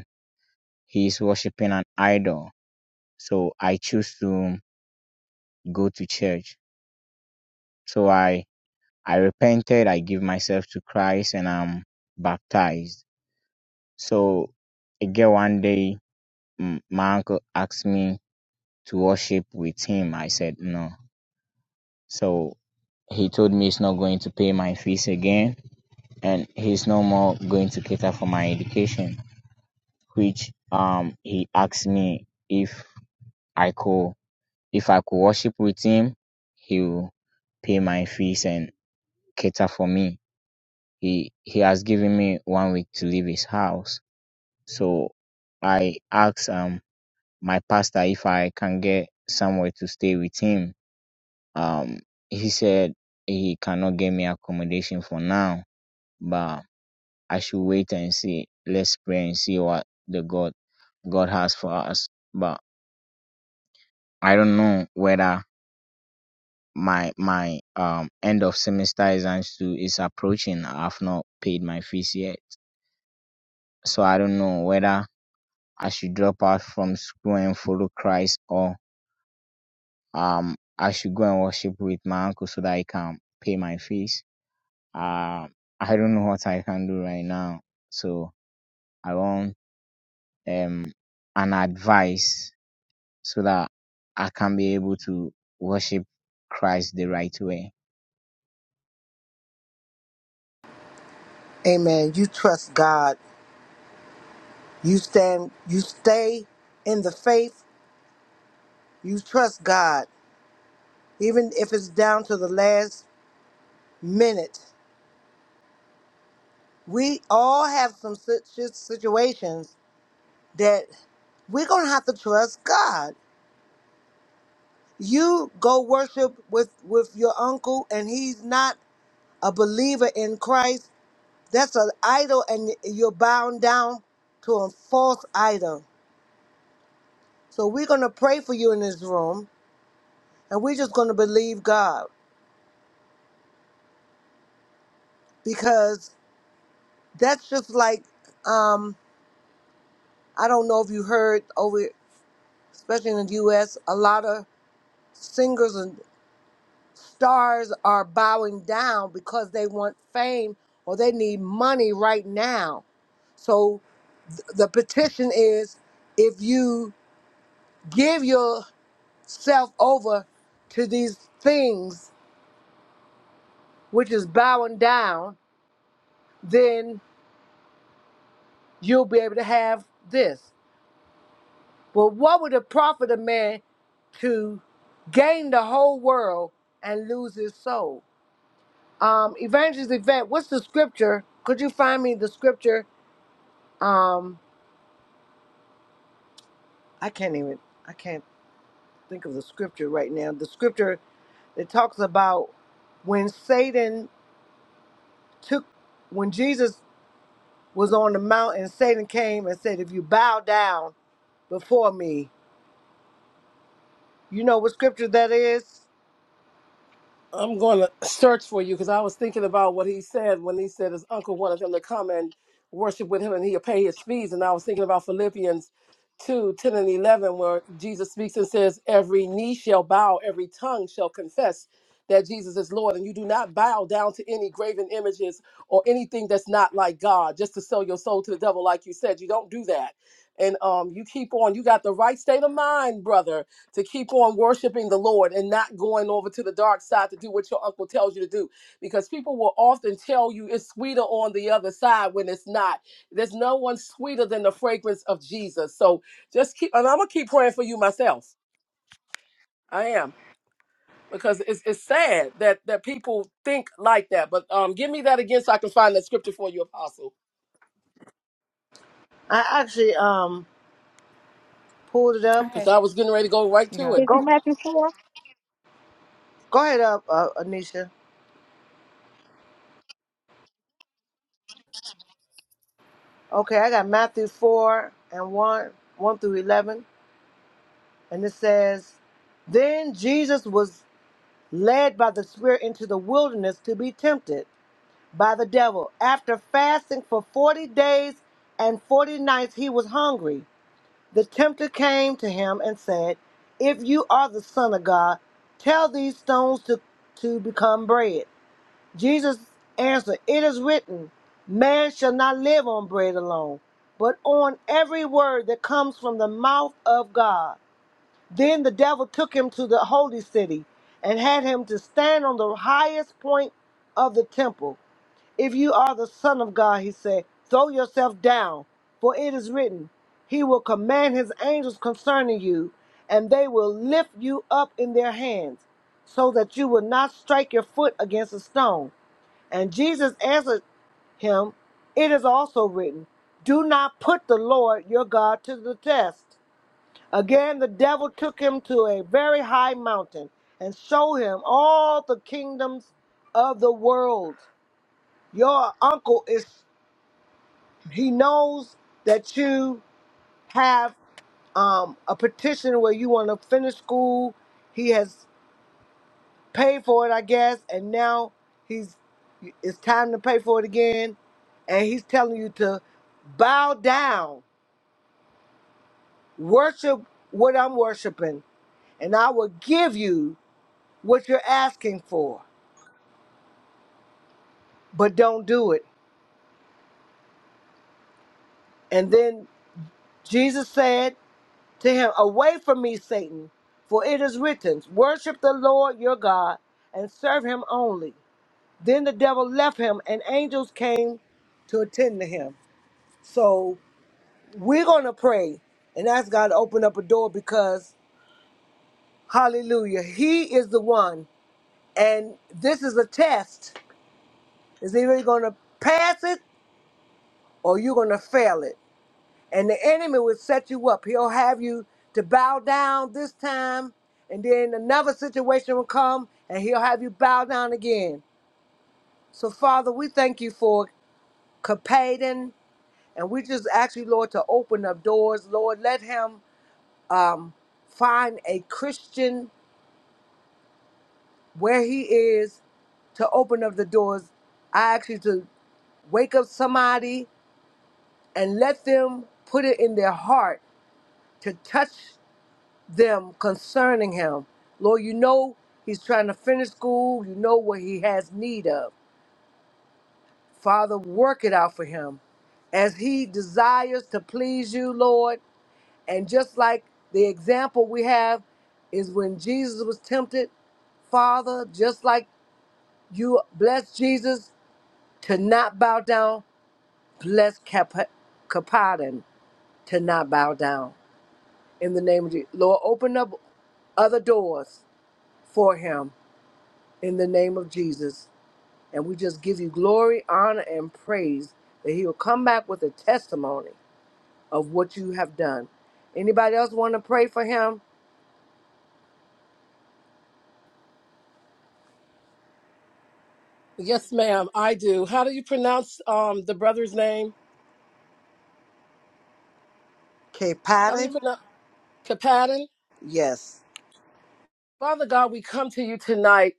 [SPEAKER 6] He is worshiping an idol. So I choose to go to church. So I, I repented. I give myself to Christ and I'm baptized. So again, one day, mm, my uncle asked me to worship with him. I said no. So he told me he's not going to pay my fees again and he's no more going to cater for my education, which um he asked me if I could If I could worship with him, he will pay my fees and cater for me. He he has given me one week to leave his house. So I asked um my pastor if I can get somewhere to stay with him. Um he said he cannot get me accommodation for now, but I should wait and see. Let's pray and see what the God God has for us. But I don't know whether my my um end of semester exams too is approaching. I've not paid my fees yet, so I don't know whether I should drop out from school and follow Christ or um I should go and worship with my uncle so that I can pay my fees. Um, I don't know what I can do right now, so I want um an advice so that I can be able to worship Christ the right way.
[SPEAKER 1] Amen. You trust God. You stand. You stay in the faith You trust God, even if it's down to the last minute. We all have some sit- sit- situations that we're gonna have to trust God. You go worship with with your uncle, and he's not a believer in Christ. That's an idol, and y- you're bound down to a false idol. So we're gonna pray for you in this room, and we're just gonna believe God because that's just like um, I don't know if you heard over, especially in the U.S., a lot of singers and stars are bowing down because they want fame or they need money right now. So th- the petition is if you give yourself over to these things, which is bowing down, then you'll be able to have this. Well, what would it profit a man to gain the whole world and lose his soul? Um, Evangelist Yvette, what's the scripture? Could you find me the scripture? Um, I can't even, I can't think of the scripture right now. The scripture that talks about when Satan took, when Jesus was on the mountain, Satan came and said, If you bow down before me, you know what scripture that is?
[SPEAKER 3] I'm going to search for you because I was thinking about what he said when he said his uncle wanted him to come and worship with him and he'll pay his fees. And I was thinking about Philippians 2 10 and 11, where Jesus speaks and says, Every knee shall bow, every tongue shall confess that Jesus is Lord. And you do not bow down to any graven images or anything that's not like God, just to sell your soul to the devil, like you said. You don't do that. And um, you keep on. You got the right state of mind, brother to keep on worshiping the Lord and not going over to the dark side to do what your uncle tells you to do. Because people will often tell you it's sweeter on the other side when it's not. There's no one sweeter than the fragrance of Jesus. So just keep, and I'm gonna keep praying for you myself. I am because it's, it's sad that that people think like that. But um, give me that again so I can find that scripture for you, Apostle.
[SPEAKER 1] I actually um pulled it up.
[SPEAKER 3] Because
[SPEAKER 4] Okay,
[SPEAKER 3] I was getting ready to go right
[SPEAKER 4] you
[SPEAKER 3] to
[SPEAKER 4] got
[SPEAKER 3] it.
[SPEAKER 4] it.
[SPEAKER 2] Is it
[SPEAKER 1] Go,
[SPEAKER 2] Matthew 4?
[SPEAKER 1] go ahead up, uh, Anisha. Okay, I got Matthew 4 and 1, 1 through 11. And it says, Then Jesus was led by the Spirit into the wilderness to be tempted by the devil. After fasting for 40 days and 40 nights, he was hungry. The tempter came to him and said, If you are the Son of God, tell these stones to, to become bread. Jesus answered, It is written, Man shall not live on bread alone, but on every word that comes from the mouth of God. Then the devil took him to the holy city and had him to stand on the highest point of the temple. If you are the Son of God, he said, throw yourself down, for it is written, He will command His angels concerning you, and they will lift you up in their hands, so that you will not strike your foot against a stone. And Jesus answered him, It is also written, Do not put the Lord your God to the test. Again, the devil took him to a very high mountain and showed him all the kingdoms of the world. Your uncle is, he knows that you have um, a petition where you want to finish school. He has paid for it, I guess, and now he's, it's time to pay for it again. And he's telling you to bow down, worship what I'm worshiping, and I will give you what you're asking for, but don't do it. And then Jesus said to him, Away from me, Satan, for it is written, Worship the Lord your God and serve him only. Then the devil left him, and angels came to attend to him. So we're going to pray and ask God to open up a door because, hallelujah, he is the one. And this is a test. Is either you're going to pass it or you're going to fail it. and the enemy will set you up. He'll have you to bow down this time, and then another situation will come, and he'll have you bow down again. So, Father, we thank you for Capaden, and we just ask you, Lord, to open up doors. Lord, let him um, find a Christian where he is to open up the doors. I ask you to wake up somebody and let them put it in their heart to touch. them concerning him. Lord, you know he's trying to finish school. You know what he has need of. Father, work it out for him as he desires to please you, Lord. And just like the example we have is when Jesus was tempted, Father, just like you blessed Jesus to not bow down, bless Cap- Capadon to not bow down. In the name of Jesus. Lord, open up other doors for him in the name of Jesus. And we just give you glory, honor, and praise that he will come back with a testimony of what you have done. Anybody else want to pray for him?
[SPEAKER 3] Yes, ma'am, I do. How do you pronounce um the brother's name?
[SPEAKER 1] K.
[SPEAKER 3] How do you
[SPEAKER 1] Patton?
[SPEAKER 3] pronounce Kapadin?
[SPEAKER 1] Yes.
[SPEAKER 3] Father God, we come to you tonight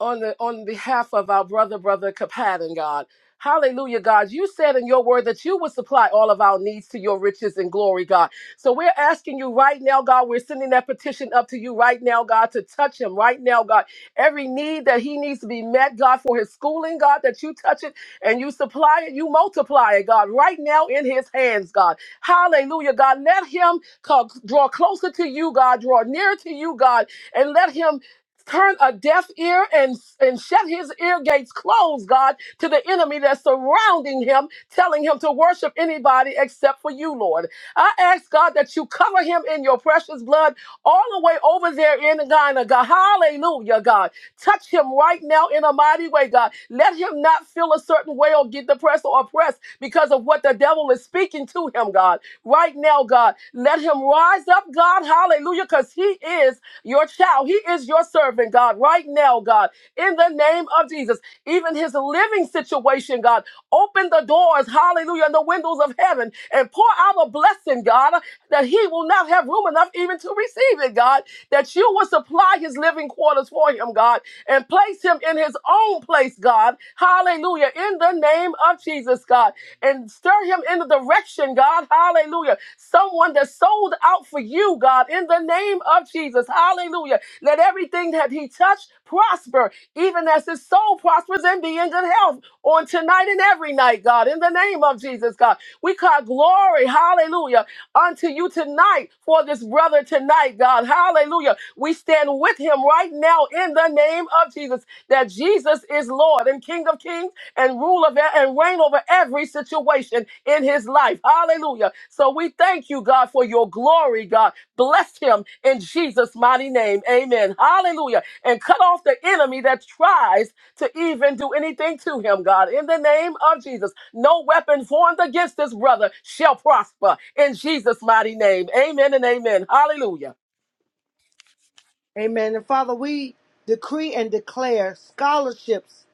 [SPEAKER 3] on the on behalf of our brother, brother Kapadan, God. Hallelujah, God. You said in your word that you would supply all of our needs to your riches and glory, God. So we're asking you right now, God, we're sending that petition up to you right now, God, to touch him right now, God. Every need that he needs to be met, God, for his schooling, God, that you touch it and you supply it, you multiply it, God, right now in his hands, God. Hallelujah, God. Let him co- draw closer to you, God, draw nearer to you, God, and let him turn a deaf ear and, and shut his ear gates closed, God, to the enemy that's surrounding him, telling him to worship anybody except for you, Lord. I ask, God, that you cover him in your precious blood all the way over there in Ghana, God. Hallelujah, God. Touch him right now in a mighty way, God. Let him not feel a certain way or get depressed or oppressed because of what the devil is speaking to him, God right now, God. Let him rise up, God. Hallelujah. Because he is your child. He is your servant, God, right now, God. In the name of Jesus. Even his living situation, God. Open the doors, hallelujah, and the windows of heaven and pour out a blessing, God, that he will not have room enough even to receive it, God. That you will supply his living living quarters for him, God, and place him in his own place, God. Hallelujah. In the name of Jesus, God. And stir him in the direction, God. Hallelujah. Someone that sold out for you, God, in the name of Jesus. Hallelujah. Let everything that he touched prosper, even as his soul prospers and be in good health on tonight and every night, God. In the name of Jesus, God. We call glory, hallelujah, unto you tonight for this brother tonight, God. Hallelujah. We stand with him right now in the name of Jesus, that Jesus is Lord and King of kings and rule of e, and reign over every situation in his life. Hallelujah. So we thank you, God, for your glory, God. Bless him in Jesus' mighty name. Amen. Hallelujah and cut off the enemy that tries to even do anything to him, God. In the name of Jesus, no weapon formed against this brother shall prosper in Jesus' mighty name. Amen and amen. Hallelujah.
[SPEAKER 1] Amen. And Father, we decree and declare scholarships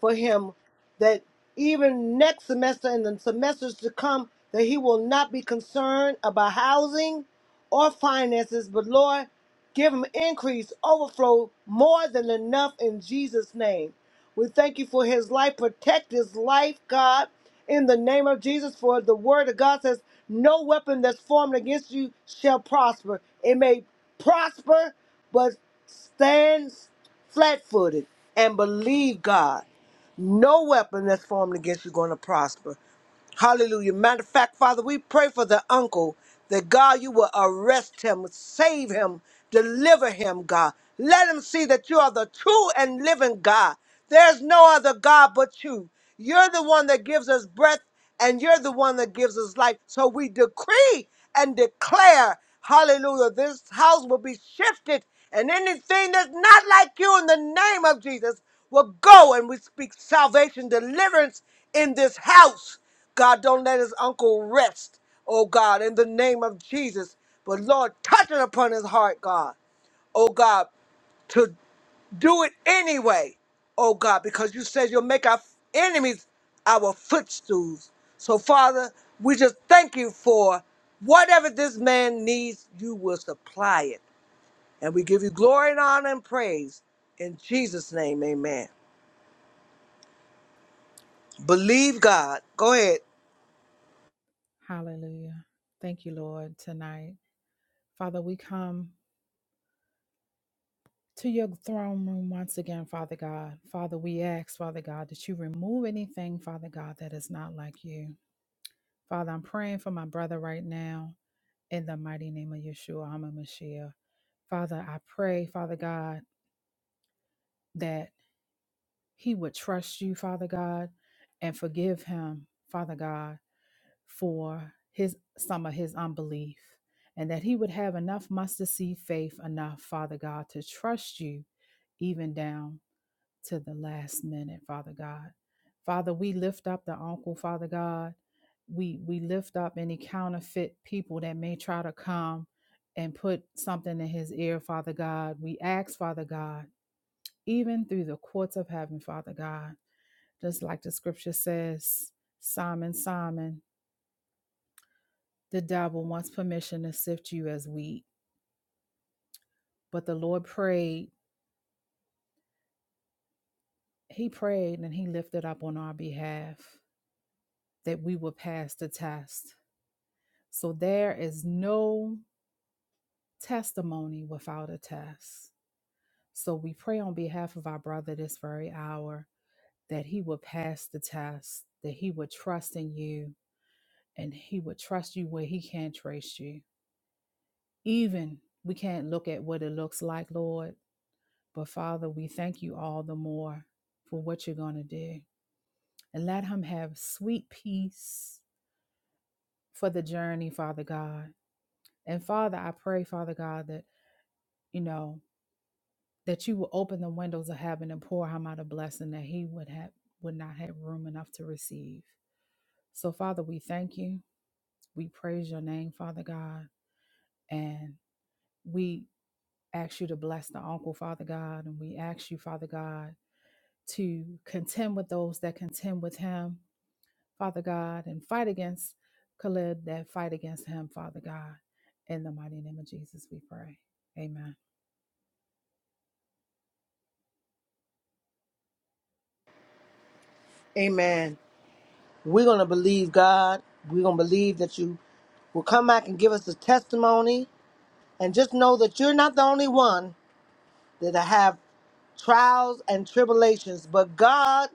[SPEAKER 1] for him that even next semester and the semesters to come, that he will not be concerned about housing or finances, but Lord, give him increase, overflow, more than enough in Jesus' name. We thank you for his life. Protect his life, God, in the name of Jesus. For the word of God says, No weapon that's formed against you shall prosper. It may prosper, but stand flat footed and believe God. No weapon that's formed against you going to prosper. Hallelujah. Matter of fact, Father, we pray for the uncle that God, you will arrest him, save him, deliver him, God. Let him see that you are the true and living God. There's no other God but you. You're the one that gives us breath and you're the one that gives us life. So we decree and declare, hallelujah, this house will be shifted, and anything that's not like you in the name of Jesus will go. And we speak salvation, deliverance in this house. God, don't let his uncle rest, oh God, in the name of Jesus. But Lord, touch it upon his heart, God, oh God, do it anyway, oh God, because you said you'll make our enemies our footstools. So, Father, we just thank you for whatever this man needs, you will supply it. And we give you glory and honor and praise. In Jesus' name, amen. Believe God. Go ahead.
[SPEAKER 4] Hallelujah. Thank you, Lord, tonight. Father, we come to your throne room once again, Father God. Father, we ask, Father God, that you remove anything, Father God, that is not like you. Father, I'm praying for my brother right now in the mighty name of Yeshua, HaMashiach. Father, I pray, Father God, that he would trust you, Father God, and forgive him, Father God for his some of his unbelief and that he would have enough mustard seed faith enough father god to trust you even down to the last minute father god father we lift up the uncle father god we we lift up any counterfeit people that may try to come and put something in his ear father god we ask father god even through the courts of heaven father god just like the scripture says simon simon The devil wants permission to sift you as wheat, but the Lord prayed, He prayed and He lifted up on our behalf that we would pass the test. So there is no testimony without a test. So we pray on behalf of our brother this very hour that he would pass the test, that he would trust in you, and he would trust you where he can't trace you. Even we can't look at what it looks like, Lord But Father, we thank you all the more for what you're going to do. And let him have sweet peace for the journey, Father God. And Father, I pray, Father God, that, you know, that you will open the windows of heaven and pour him out a blessing that he would have would not have room enough to receive. So Father, we thank you. We praise your name, Father God. And we ask you to bless the uncle, Father God. And we ask you, Father God, to contend with those that contend with him Father God, and fight against Khalid that fight against him, Father God. In the mighty name of Jesus, we pray. Amen.
[SPEAKER 1] Amen. We're going to believe God. We're going to believe that you will come back and give us a testimony. And just know that you're not the only one. that I have trials and tribulations, but God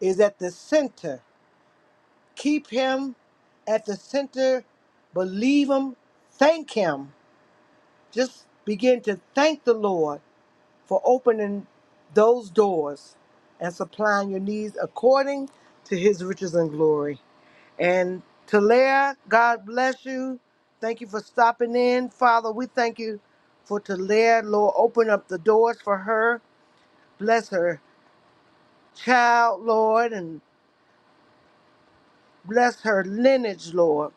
[SPEAKER 1] is at the center. Keep Him at the center. Believe Him. Thank Him. Just begin to thank the Lord for opening those doors and supplying your needs according to His riches and glory. And Talia, God bless you. Thank you for stopping in. Father, we thank you for Talia. Lord, open up the doors for her. Bless her child, Lord, and bless her lineage, Lord.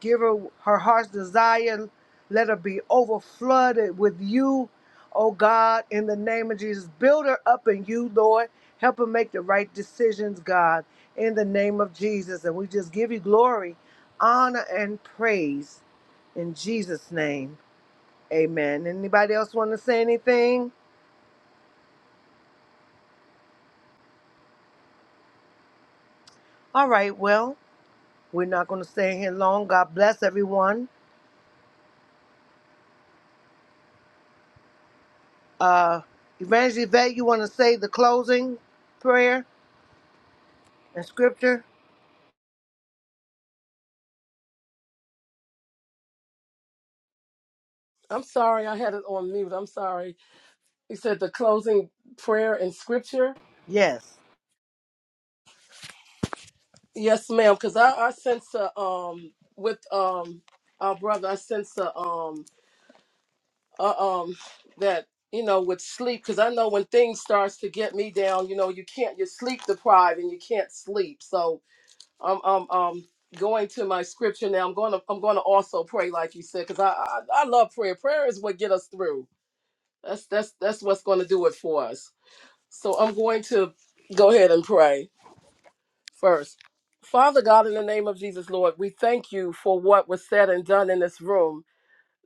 [SPEAKER 1] Give her her heart's desire. Let her be overflooded with you, oh God, in the name of Jesus. Build her up in you, Lord. Help her make the right decisions, God, in the name of Jesus. And we just give you glory, honor, and praise in Jesus' name. Amen. Anybody else want to say anything? All right, well, we're not going to stay here long. God bless everyone. Uh, Evangelist Yvette, you want to say the closing prayer and scripture?
[SPEAKER 3] I'm sorry, I had it on mute. I'm sorry. He said the closing prayer and scripture.
[SPEAKER 1] Yes.
[SPEAKER 3] Yes, ma'am, because I, I sense a, um with um our brother, I sense a, um uh, um that you know with sleep because i know when things starts to get me down you know you can't you're sleep deprived and you can't sleep so i'm um, um, um going to my scripture now i'm going to i'm going to also pray like you said because I, I i love prayer prayer is what get us through that's that's that's what's going to do it for us so i'm going to go ahead and pray first father god in the name of jesus lord we thank you for what was said and done in this room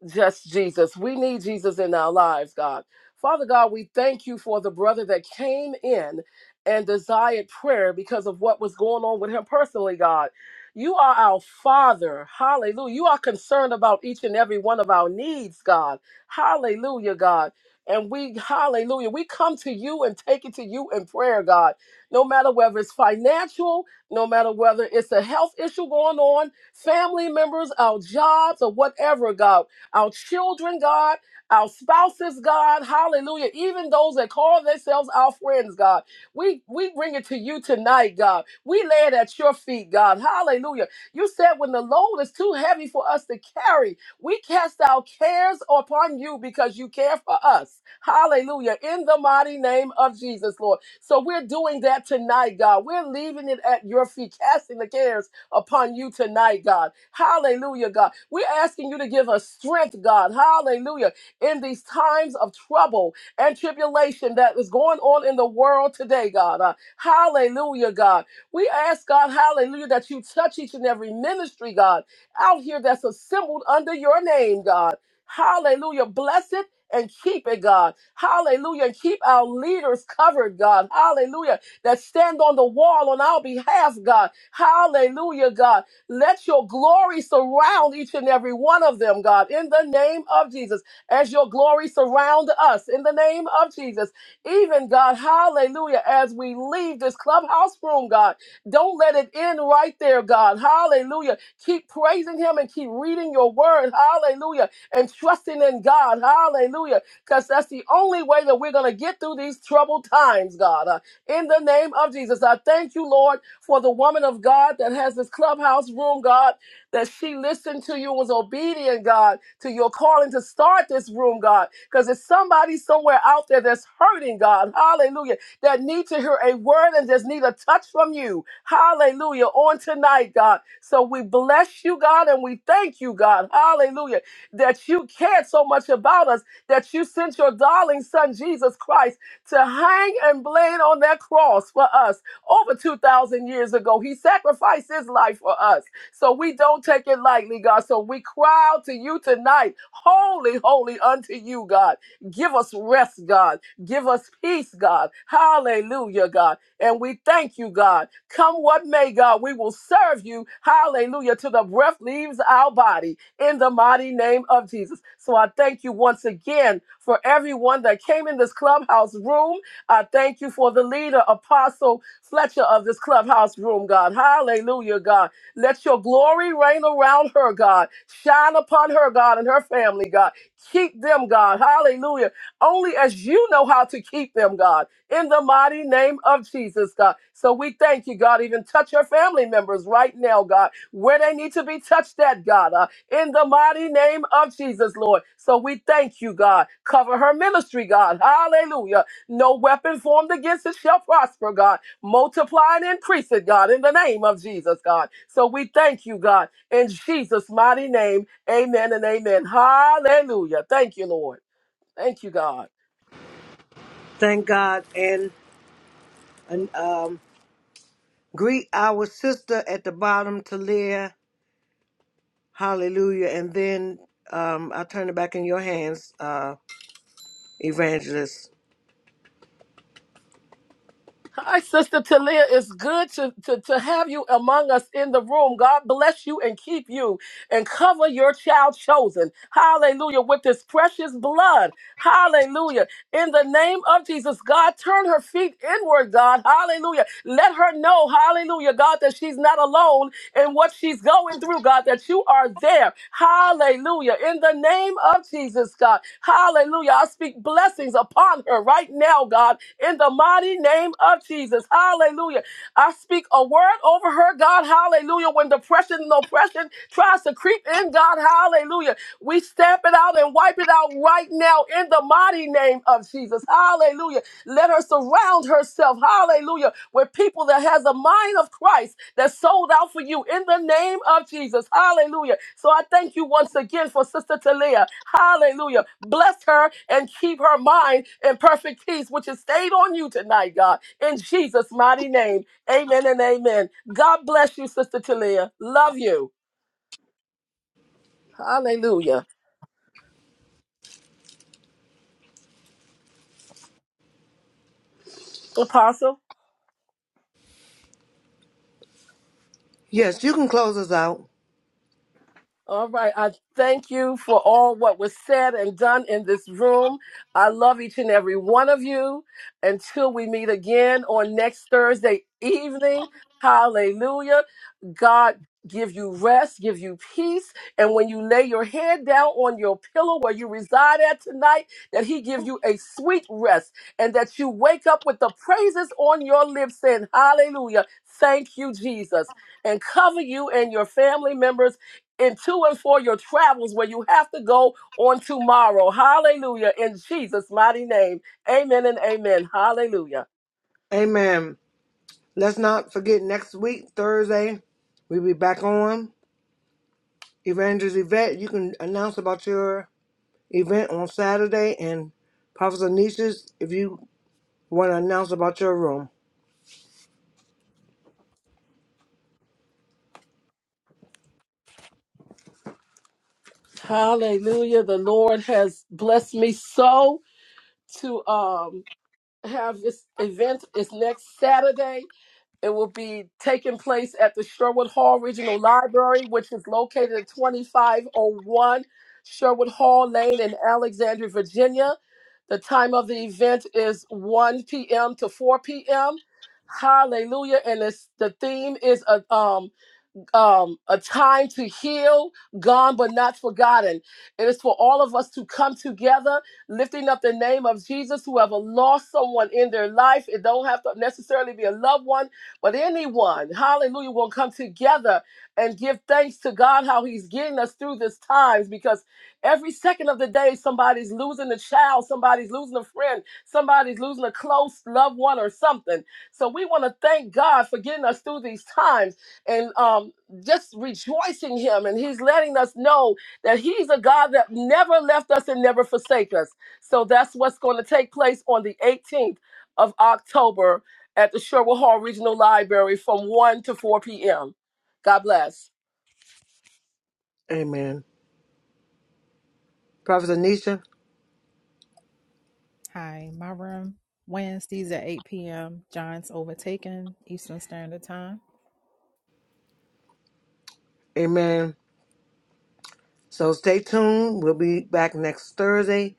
[SPEAKER 3] just Jesus. We need Jesus in our lives, God. Father God, we thank you for the brother that came in and desired prayer because of what was going on with him personally, God. You are our Father. Hallelujah. You are concerned about each and every one of our needs, God. Hallelujah, God. And we, hallelujah, we come to you and take it to you in prayer, God. No matter whether it's financial, no matter whether it's a health issue going on, family members, our jobs, or whatever, God our children, God, our spouses, God, hallelujah, even those that call themselves our friends, God. We we bring it to you tonight, God. We lay it at your feet, God. Hallelujah. You said when the load is too heavy for us to carry, we cast our cares upon you because you care for us. Hallelujah. In the mighty name of Jesus, Lord. So we're doing that tonight, God. We're leaving it at your feet, casting the cares upon you tonight, God. Hallelujah, God. We're asking you to give us strength, God. Hallelujah. In these times of trouble and tribulation that is going on in the world today, God. Uh, hallelujah, God. We ask, God, hallelujah, that you touch each and every ministry, God, out here that's assembled under your name, God. Hallelujah. Bless it and keep it, God. Hallelujah. And keep our leaders covered, God. Hallelujah that stand on the wall on our behalf, God. Hallelujah, God. Let your glory surround each and every one of them, God, in the name of Jesus. As your glory surround us, in the name of Jesus. Even, God, hallelujah, as we leave this clubhouse room, God, don't let it end right there, God. Hallelujah. Keep praising him and keep reading your word. Hallelujah. And trusting in God. Hallelujah because that's the only way that we're going to get through these troubled times, God. Uh, in the name of Jesus. I thank you, Lord, for the woman of God that has this clubhouse room, God, that she listened to you and was obedient, God, to your calling to start this room, God, because there's somebody somewhere out there that's hurting, God, hallelujah, that need to hear a word and just need a touch from you, hallelujah, on tonight, God. So we bless you, God, and we thank you, God, hallelujah, that you cared so much about us that you sent your darling son, Jesus Christ to hang and bled on that cross for us over 2,000 years ago. He sacrificed his life for us. So we don't take it lightly, God. So we cry out to you tonight, holy, holy unto you, God. Give us rest, God. Give us peace, God. Hallelujah, God. And we thank you, God. Come what may, God, we will serve you. Hallelujah. Till the breath leaves our body in the mighty name of Jesus. So I thank you once again for everyone that came in this clubhouse room. I thank you for the leader, Apostle Fletcher of this clubhouse room, God. Hallelujah, God. Let your glory reign around her, God. Shine upon her, God, and her family, God. Keep them, God. Hallelujah. Only as you know how to keep them, God. In the mighty name of Jesus, God. So we thank you, God. Even touch her family members right now, God where they need to be touched at, God, uh, in the mighty name of Jesus, Lord. So we thank you, God. Cover her ministry, God. Hallelujah. No weapon formed against it shall prosper, God. Multiply and increase it, God, in the name of Jesus, God. So we thank you, God, in Jesus' mighty name. Amen and amen. Hallelujah. Thank you, Lord. Thank you, God.
[SPEAKER 1] Thank God. And, and um, greet our sister at the bottom, Talia. Hallelujah. And then um, I turn it back in your hands, uh, Evangelist.
[SPEAKER 3] Hi, Sister Talia. It's good to, to, to have you among us in the room. God bless you and keep you and cover your child chosen. Hallelujah. With this precious blood. Hallelujah in the name of Jesus. God, turn her feet inward, God. Hallelujah. Let her know, hallelujah, God, that she's not alone in what she's going through, God, that you are there. Hallelujah. In the name of Jesus, God. Hallelujah. I speak blessings upon her right now, God, in the mighty name of Jesus. Hallelujah. I speak a word over her, God, hallelujah. When depression and oppression tries to creep in, God, hallelujah. We stamp it out and wipe it out right now in the mighty name of Jesus, hallelujah. Let her surround herself, hallelujah, with people that has a mind of Christ that sold out for you in the name of Jesus, hallelujah. So I thank you once again for Sister Talia, hallelujah. Bless her and keep her mind in perfect peace, which is stayed on you tonight, God, in Jesus' mighty name. Amen and amen. God bless you, Sister Talia. Love you. Hallelujah. Apostle.
[SPEAKER 1] Yes, you can close us out.
[SPEAKER 3] All right. I thank you for all what was said and done in this room. I love each and every one of you. Until we meet again on next Thursday evening. Hallelujah. God give you rest, give you peace. And when you lay your head down on your pillow where you reside at tonight, that he give you a sweet rest and that you wake up with the praises on your lips saying, hallelujah. Thank you, Jesus. And cover you and your family members and to and for your travels where you have to go on tomorrow. Hallelujah. In Jesus' mighty name. Amen and amen. Hallelujah.
[SPEAKER 1] Amen. Let's not forget next week, Thursday, we'll be back on. Evangelist Yvette, you can announce about your event on Saturday and Prophet Anisha, if you want to announce about your room.
[SPEAKER 3] Hallelujah. The Lord has blessed me so to um have this event. It's next Saturday It will be taking place at the Sherwood Hall Regional Library, which is located at 2501 Sherwood Hall Lane in Alexandria, Virginia. The time of the event is 1 p.m. to 4 p.m. Hallelujah. And it's, the theme is a, um, um, a time to heal, gone but not forgotten. It is for all of us to come together, lifting up the name of Jesus. Whoever lost someone in their life, it don't have to necessarily be a loved one, but anyone, hallelujah, will come together and give thanks to God how He's getting us through this times because every second of the day, somebody's losing a child, somebody's losing a friend, somebody's losing a close loved one or something. So we want to thank God for getting us through these times and um, just rejoicing him and he's letting us know that he's a god that never left us and never forsake us so that's what's going to take place on the 18th of october at the sherwood hall regional library from 1 to 4 p.m god bless
[SPEAKER 1] Amen. Prophet Anisha,
[SPEAKER 4] Hi, my room Wednesdays at 8 p.m. Giants overtaken Eastern Standard Time.
[SPEAKER 1] amen. So stay tuned. We'll be back next Thursday,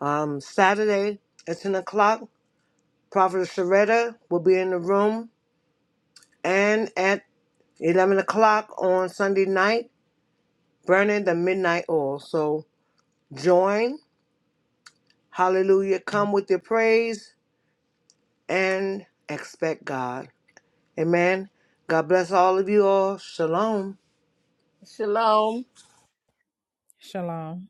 [SPEAKER 1] um, Saturday at 10 o'clock. Prophet Sharetta will be in the room. And at 11 o'clock on Sunday night, burning the midnight oil. So join. Hallelujah. Come with your praise and expect God. Amen. God bless all of you all. Shalom.
[SPEAKER 3] shalom
[SPEAKER 4] Shalom.